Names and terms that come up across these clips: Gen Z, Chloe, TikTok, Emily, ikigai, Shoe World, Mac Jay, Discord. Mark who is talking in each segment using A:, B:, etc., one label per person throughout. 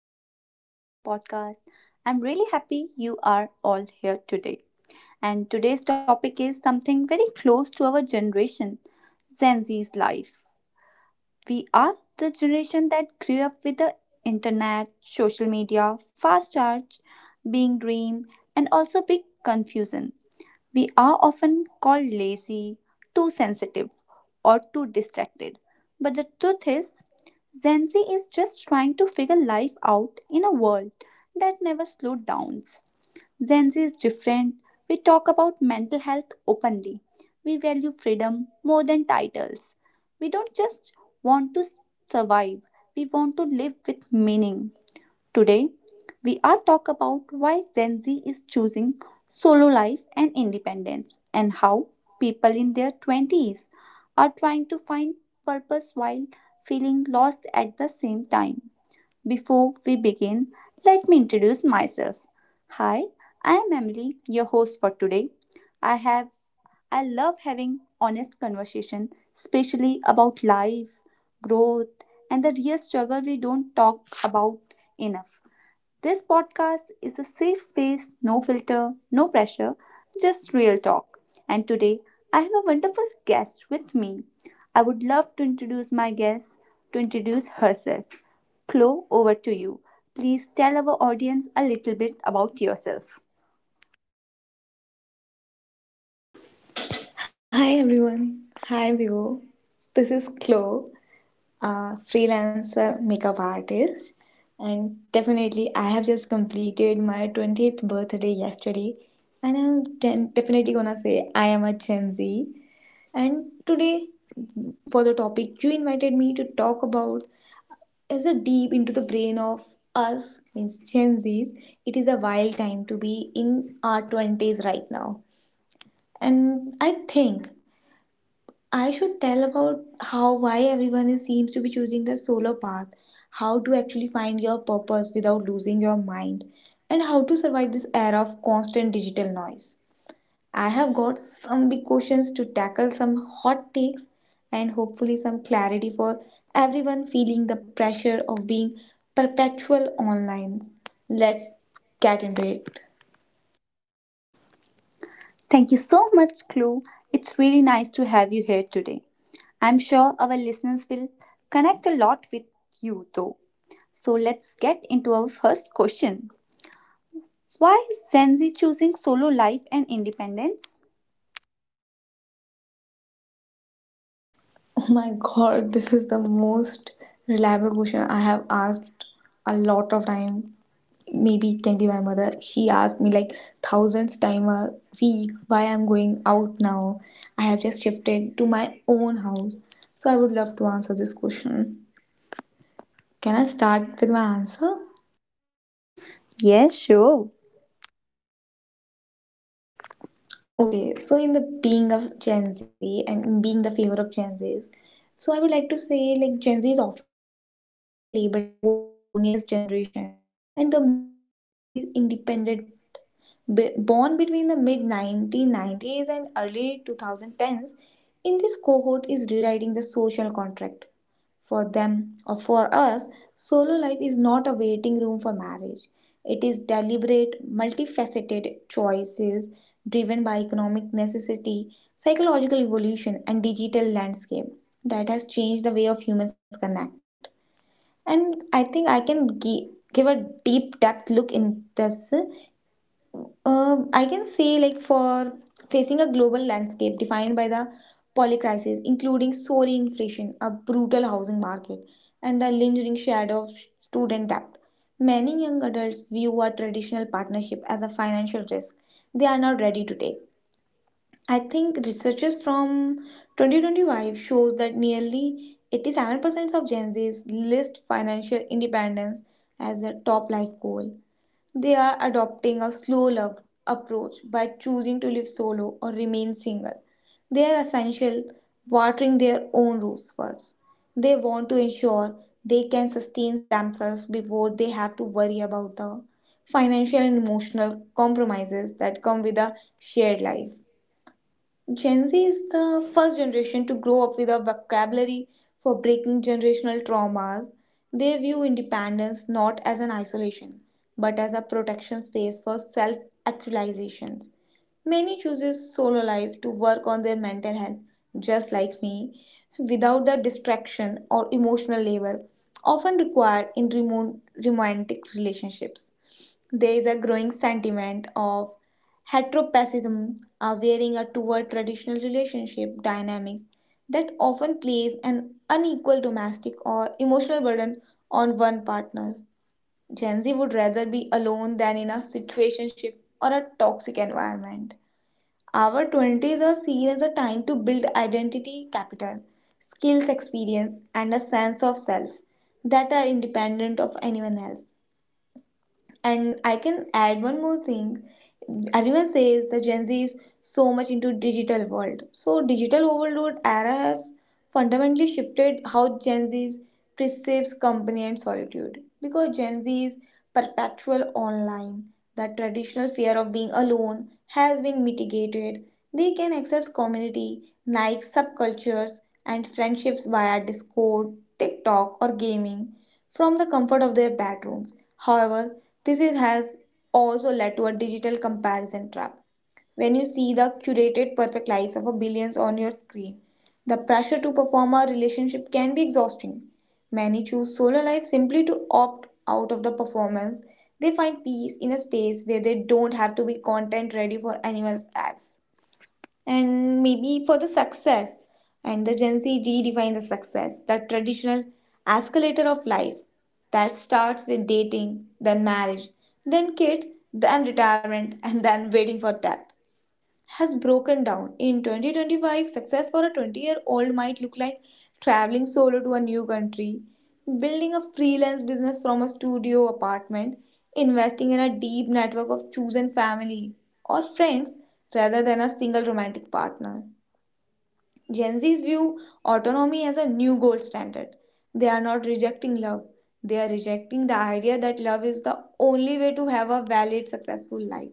A: Welcome back to our podcast. I'm really happy you are all here today. And today's topic is something very close to our generation, Gen Z's life. We are the generation that grew up with the internet, social media, fast charge, being dream, and also big confusion. We are often called lazy, too sensitive, or too distracted. But the truth is, Gen Z is just trying to figure life out in a world that never slowed down. Gen Z is different. We talk about mental health openly. We value freedom more than titles. We don't just want to survive, we want to live with meaning. Today, we are talk about why Gen Z is choosing solo life and independence and how people in their 20s are trying to find purpose while feeling lost at the same time. Before we begin, let me introduce myself. Hi, I am Emily, your host for today. I have I love having honest conversation, especially about life, growth, and the real struggle we don't talk about enough. This podcast is a safe space, no filter, no pressure, just real talk. And today I have a wonderful guest with me. I would love to introduce my guest to introduce herself. Chloe, over to you. Please tell our audience a little bit about yourself.
B: Hi everyone. Hi Vivo. This is Chloe, a freelancer makeup artist. And definitely, I have just completed my 20th birthday yesterday. And definitely gonna say I am a Gen Z. And today, for the topic you invited me to talk about, is a deep into the brain of us, means Gen Zs. It is a wild time to be in our 20s right now. And I think I should tell about how why everyone is, seems to be choosing the solo path, how to actually find your purpose without losing your mind, and how to survive this era of constant digital noise. I have got some big questions to tackle, some hot takes, and hopefully some clarity for everyone feeling the pressure of being perpetual online. Let's get into it.
A: Thank you so much, Chloe. It's really nice to have you here today. I'm sure our listeners will connect a lot with you, though. So let's get into our first question. Why is Gen Z choosing solo life and independence?
B: Oh my god, this is the most reliable question I have asked a lot of time. Maybe it can be my mother. She asked me like thousands time a week why I'm going out now. I have just shifted to my own house. So I would love to answer this question. Can I start with my answer?
A: Yes, sure.
B: Okay, so in the being of Gen Z and being the favor of Gen Zs, so I would like to say like Gen Z is often paradoxically labeled both the loneliest generation and the most fiercely independent. Born between the mid 1990s and early 2010s, in this cohort is rewriting the social contract. For them or for us, solo life is not a waiting room for marriage. It is deliberate, multifaceted choices driven by economic necessity, psychological evolution, and digital landscape that has changed the way of humans connect. And I think give a deep depth look in this I can say, like, for facing a global landscape defined by the polycrisis, including soaring inflation, a brutal housing market, and the lingering shadow of student debt, many young adults view a traditional partnership as a financial risk they are not ready to take. I think researches from 2025 shows that nearly 87% of Gen Zs list financial independence as their top life goal they are adopting a slow love approach by choosing to live solo or remain single. They are essential watering their own roots first. They want to ensure they can sustain themselves before they have to worry about the financial and emotional compromises that come with a shared life. Gen Z is the first generation to grow up with a vocabulary for breaking generational traumas. They view independence not as an isolation, but as a protection space for self-actualizations. Many chooses solo life to work on their mental health, just like me, without the distraction or emotional labor often required in remote romantic relationships. There is a growing sentiment of heteropessimism, veering toward traditional relationship dynamics that often place an unequal domestic or emotional burden on one partner. Gen Z would rather be alone than in a situationship or a toxic environment. Our 20s are seen as a time to build identity capital, skills, experience, and a sense of self that are independent of anyone else. And I can add one more thing. Everyone says the Gen Z is so much into digital world. So digital overload era has fundamentally shifted how Gen Z perceives company and solitude. Because Gen Z is perpetual online, the traditional fear of being alone has been mitigated. They can access community, like subcultures and friendships via Discord, TikTok, or gaming from the comfort of their bedrooms. However, has also led to a digital comparison trap. When you see the curated perfect lives of a billions on your screen, the pressure to perform a relationship can be exhausting. Many choose solo life simply to opt out of the performance. They find peace in a space where they don't have to be content ready for anyone else and maybe for the success. And the Gen Z redefine the success, that traditional escalator of life that starts with dating, then marriage, then kids, then retirement, and then waiting for death has broken down. In 2025, success for a 20-year-old might look like traveling solo to a new country, building a freelance business from a studio apartment, investing in a deep network of chosen family or friends rather than a single romantic partner. Gen Z's view autonomy as a new gold standard. They are not rejecting love. They are rejecting the idea that love is the only way to have a valid, successful life.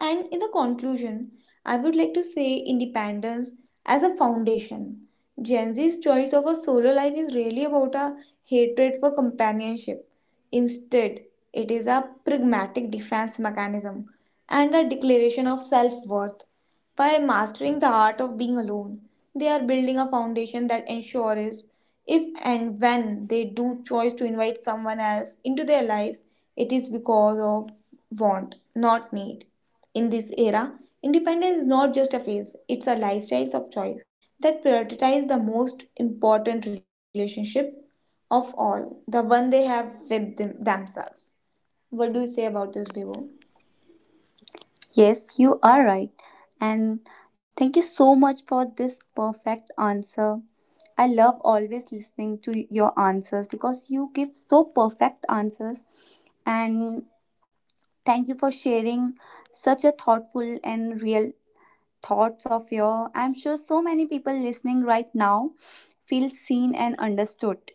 B: And in the conclusion, I would like to say independence as a foundation. Gen Z's choice of a solo life is really about a hatred for companionship. Instead, it is a pragmatic defense mechanism and a declaration of self worth. By mastering the art of being alone, they are building a foundation that ensures if and when they do choose to invite someone else into their lives, it is because of want, not need. In this era, independence is not just a phase, it's a lifestyle of choice that prioritizes the most important relationship of all, the one they have with themselves. What do you say about this, Bibo?
A: Yes, you are right. And thank you so much for this perfect answer. I love always listening to your answers because you give so perfect answers. And thank you for sharing such a thoughtful and real thoughts of your. I'm sure so many people listening right now feel seen and understood.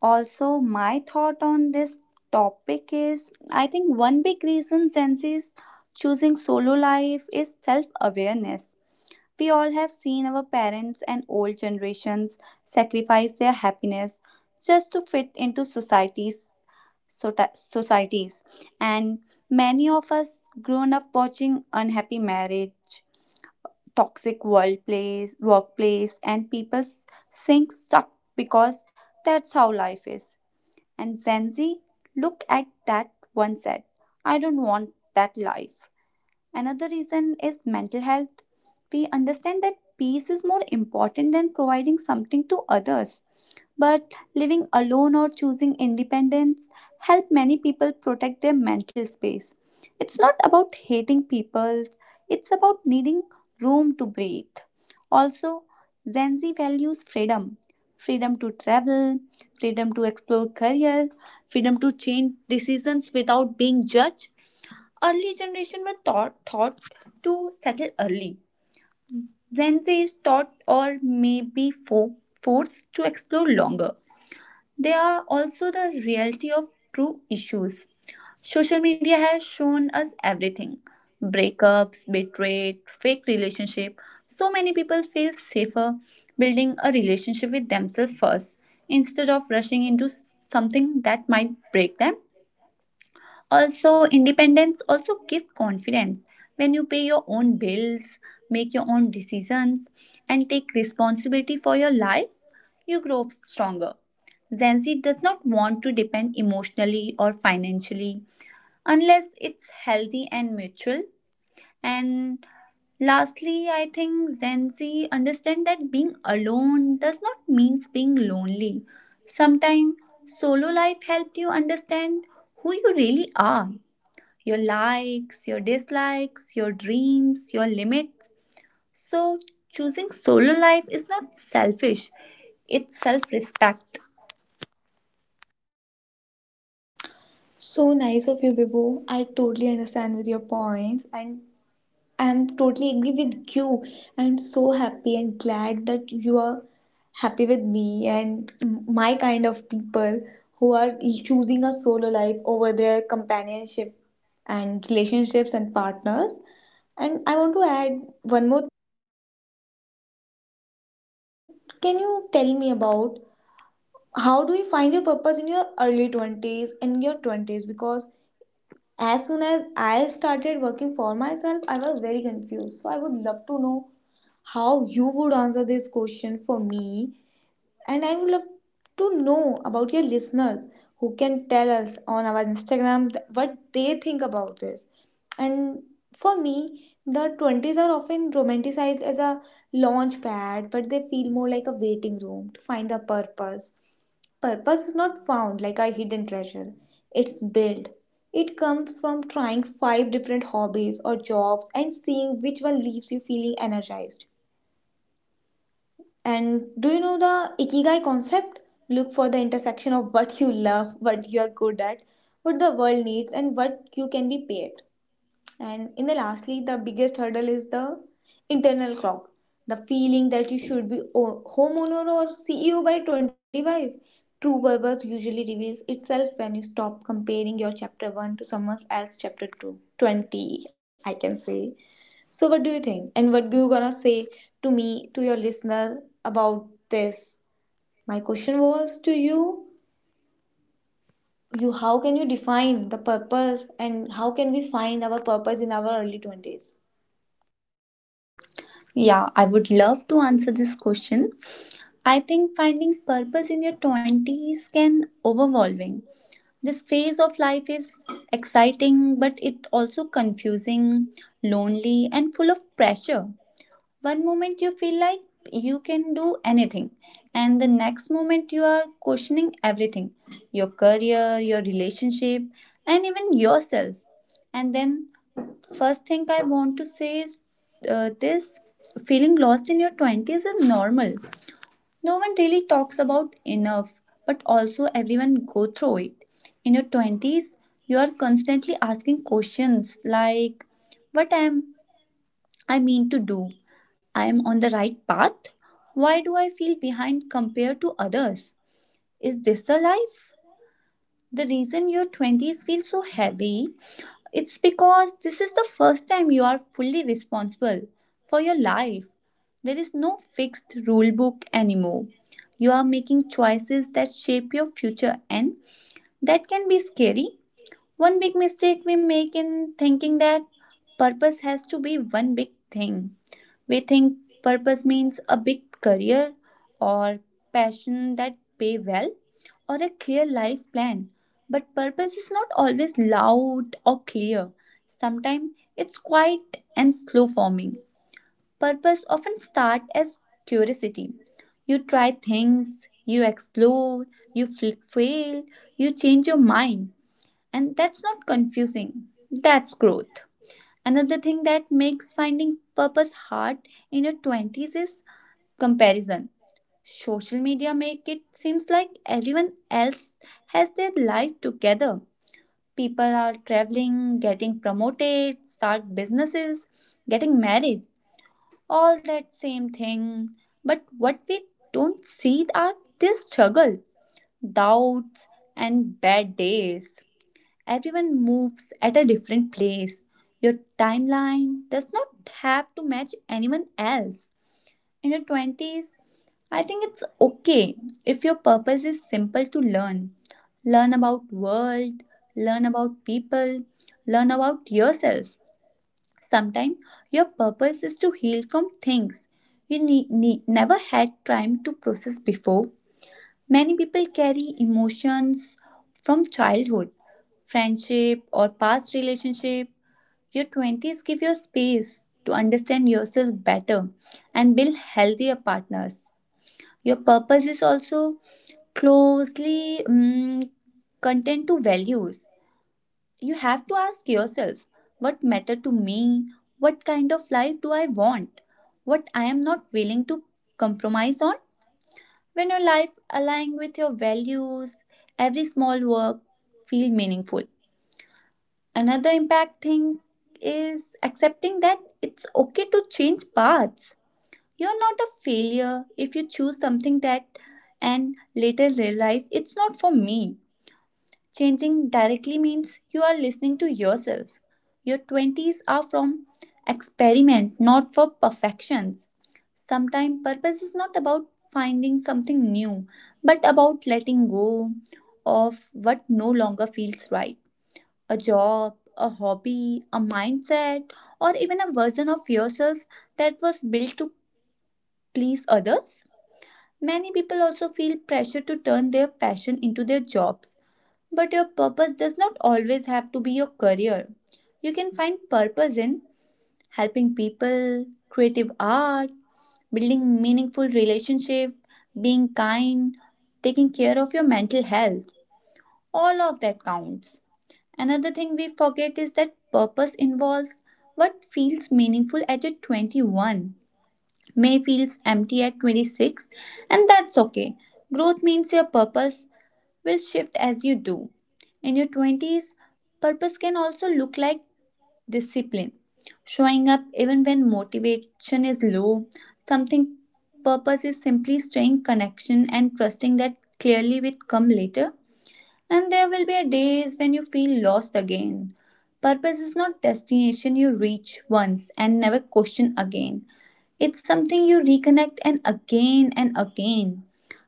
A: Also, my thought on this topic is I think one big reason Zenzi's choosing solo life is self awareness. We all have seen our parents and old generations sacrifice their happiness just to fit into societies. Societies, and many of us grown up watching unhappy marriage, toxic workplace, and people saying suck because that's how life is, and Zenzi look at that one said, I don't want that life. Another reason is mental health. We understand that peace is more important than providing something to others. But living alone or choosing independence help many people protect their mental space. It's not about hating people, it's about needing room to breathe. Also, Gen Z values freedom freedom to travel, freedom to explore career, freedom to change decisions without being judged. Early generation were taught to settle early. Gen Z is taught or maybe forced to explore longer. They are also the reality of true issues. Social media has shown us everything, breakups, betrayal, fake relationship. So many people feel safer building a relationship with themselves first instead of rushing into something that might break them. Also, independence also gives confidence. When you pay your own bills, make your own decisions, and take responsibility for your life, you grow stronger. Gen Z does not want to depend emotionally or financially unless it's healthy and mutual. And lastly, I think Gen Z understand that being alone does not mean being lonely. Sometimes solo life helped you understand who you really are, your likes, your dislikes, your dreams, your limits. So, choosing solo life is not selfish, it's self respect.
B: So nice of you, Bibo. I totally understand with your points and I'm totally agree with you. I'm so happy and glad that you are happy with me and my kind of people who are choosing a solo life over their companionship and relationships and partners. And I want to add one more. What can you tell me about how do you find your purpose in your early 20s and your 20s? Because as soon as I started working for myself, I was very confused. So I would love to know how you would answer this question for me. And I would love to know about your listeners who can tell us on our Instagram what they think about this. And for me, the 20s are often romanticized as a launch pad, but they feel more like a waiting room to find the purpose. Purpose is not found like a hidden treasure, it's built. It comes from trying five different hobbies or jobs and seeing which one leaves you feeling energized. And do you know the ikigai concept? Look for the intersection of what you love, what you are good at, what the world needs, and what you can be paid. And in the lastly, the biggest hurdle is the internal clock, the feeling that you should be homeowner or CEO by 25. True purpose usually reveals itself when you stop comparing your chapter 1 to someone else's chapter 2. 20, I can say. So, what do you think? And what do you gonna say to me, to your listener about this? My question was to you: You, how can you define the purpose, and how can we find our purpose in our early 20s?
A: Yeah, I would love to answer this question. I think finding purpose in your 20s can overwhelming. This phase of life is exciting but it also confusing, lonely and full of pressure. One moment you feel like you can do anything, and the next moment you are questioning everything, your career, your relationship, and even yourself. And then, first thing I want to say is, this feeling lost in your 20s is normal. No one really talks about enough, but also everyone go through it. In your 20s, you are constantly asking questions like, what am I mean to do? I am on the right path? Why do I feel behind compared to others? Is this the life? The reason your 20s feel so heavy, it's because this is the first time you are fully responsible for your life. There is no fixed rule book anymore. You are making choices that shape your future, and that can be scary. One big mistake we make in thinking that purpose has to be one big thing. We think purpose means a big career, or passion that pay well, or a clear life plan. But purpose is not always loud or clear. Sometimes it's quiet and slow forming. Purpose often start as curiosity. You try things, you explore, you fail, you change your mind. And that's not confusing. That's growth. Another thing that makes finding purpose hard in your 20s is comparison. Social media make it seems like everyone else has their life together. People are traveling, getting promoted, start businesses, getting married, all that same thing. But what we don't see are their struggle, doubts and bad days. Everyone moves at a different place. Your timeline does not have to match anyone else. In your 20s, I think it's okay if your purpose is simple to learn. Learn about world, learn about people, learn about yourself. Sometimes your purpose is to heal from things you never had time to process before. Many people carry emotions from childhood friendship, or past relationship. Your 20s give you space to understand yourself better and build healthier partners. Your purpose is also closely content to values. You have to ask yourself, what matter to me? What kind of life do I want? What I am not willing to compromise on? When your life aligns with your values, every small work feel meaningful. Another impact thing is accepting that it's okay to change paths. You're not a failure if you choose something that and later realize it's not for me. Changing directly means you are listening to yourself. Your 20s are from experiment, not for perfections. Sometimes purpose is not about finding something new, but about letting go of what no longer feels right, a job, a hobby, a mindset, or even a version of yourself that was built to please others. Many people also feel pressure to turn their passion into their jobs. But your purpose does not always have to be your career. You can find purpose in helping people, creative art, building meaningful relationships, being kind, taking care of your mental health. All of that counts. Another thing we forget is that purpose involves, what feels meaningful at your 21 may feels empty at 26, and that's okay. Growth means your purpose will shift as you do. In your 20s, purpose can also look like discipline. Showing up even when motivation is low, something purpose is simply staying connection and trusting that clearly will come later. And there will be a days when you feel lost again. Purpose is not destination you reach once and never question again. It's something you reconnect and again and again.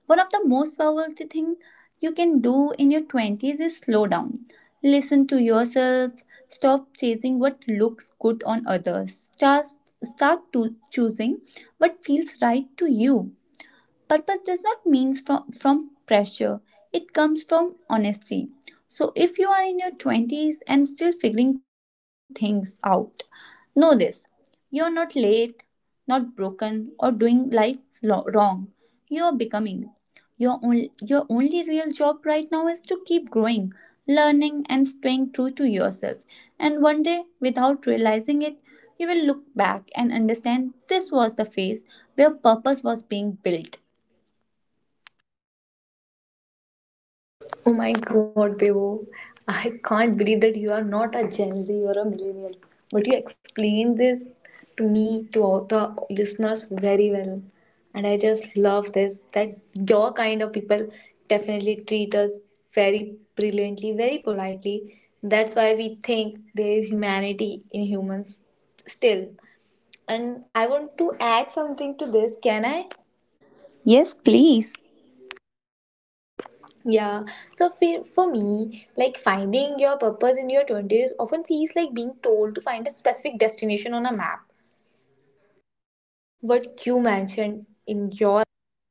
A: One of the most powerful thing you can do in your 20s is slow down. Listen to yourself. Stop chasing what looks good on others. Just start to choosing what feels right to you. Purpose does not mean from pressure, it comes from honesty. So if you are in your 20s and still figuring things out, know this, you're not late, not broken or doing life wrong, you're becoming. Your only real job right now is to keep growing, learning and staying true to yourself, and one day without realizing it you will look back and understand this was the phase where purpose was being built.
B: Oh my god, Bebo. I can't believe that you are not a Gen Z, you're a millennial. But you explained this to me, to all the listeners, very well. And I just love this that your kind of people definitely treat us very brilliantly, very politely. That's why we think there is humanity in humans still. And I want to add something to this. Can I?
A: Yes, please.
B: Yeah, so for me, like finding your purpose in your 20s often feels like being told to find a specific destination on a map, what you mentioned in your answer.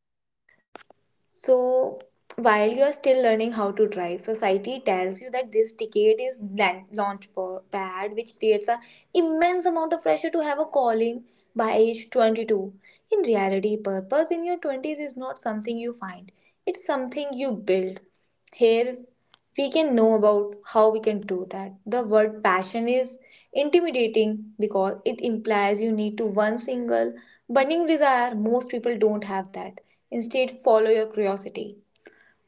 B: So, while you are still learning how to drive, society tells you that this decade is pad, which creates an immense amount of pressure to have a calling by age 22. In reality, purpose in your 20s is not something you find, it's something you build. Here we can know about how we can do that. The word passion is intimidating because it implies you need to one single burning desire. Most people don't have that. Instead, follow your curiosity.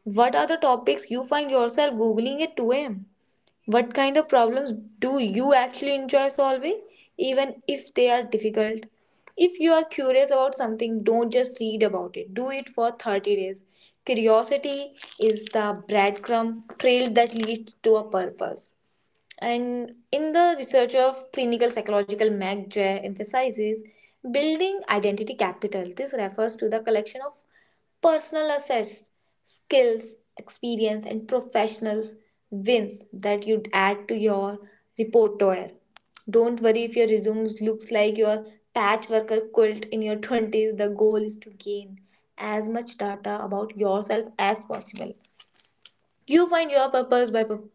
B: What are the topics you find yourself googling at 2 a.m.? What kind of problems do you actually enjoy solving, even if they are difficult? If you are curious about something, don't just read about it. Do it for 30 days. Curiosity is the breadcrumb trail that leads to a purpose. And in the research of clinical psychological Mac Jay emphasizes building identity capital. This refers to the collection of personal assets, skills, experience, and professionals wins that you'd add to your repertoire. Don't worry if your resume looks like your patchworker quilt in your 20s. The goal is to gain as much data about yourself as possible. You find your purpose by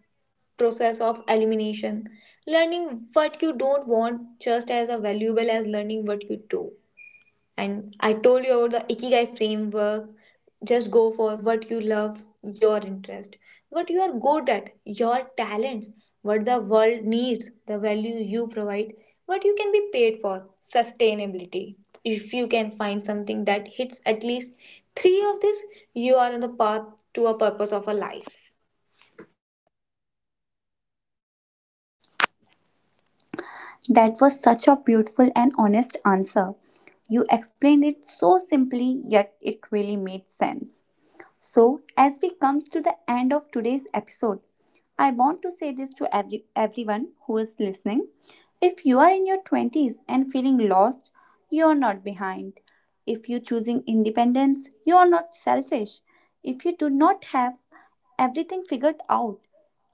B: process of elimination. Learning what you don't want just as a valuable as learning what you do. And I told you about the Ikigai framework. Just go for what you love, your interest, what you are good at, your talents, what the world needs, the value you provide, what you can be paid for, sustainability. If you can find something that hits at least three of this, you are on the path to a purpose of a life.
A: That was such a beautiful and honest answer. You explained it so simply, yet it really made sense. So, as we comes to the end of today's episode, I want to say this to everyone who is listening. If you are in your 20s and feeling lost, you are not behind. If you're choosing independence, you are not selfish. If you do not have everything figured out,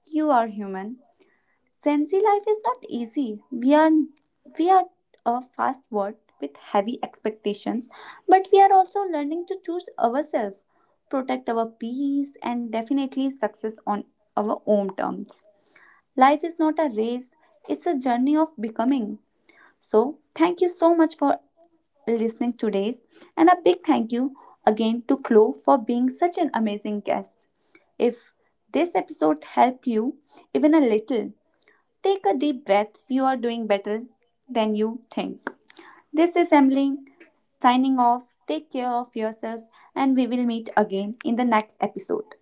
A: you are human. Sensi life is not easy. We are a fast world with heavy expectations, but we are also learning to choose ourselves, protect our peace, and definitely success on our own terms. Life is not a race; it's a journey of becoming. So, thank you so much for listening today's, and a big thank you again to Chloe for being such an amazing guest. If this episode helped you even a little, take a deep breath. You are doing better than you think. This is Emily signing off. Take care of yourself, and we will meet again in the next episode.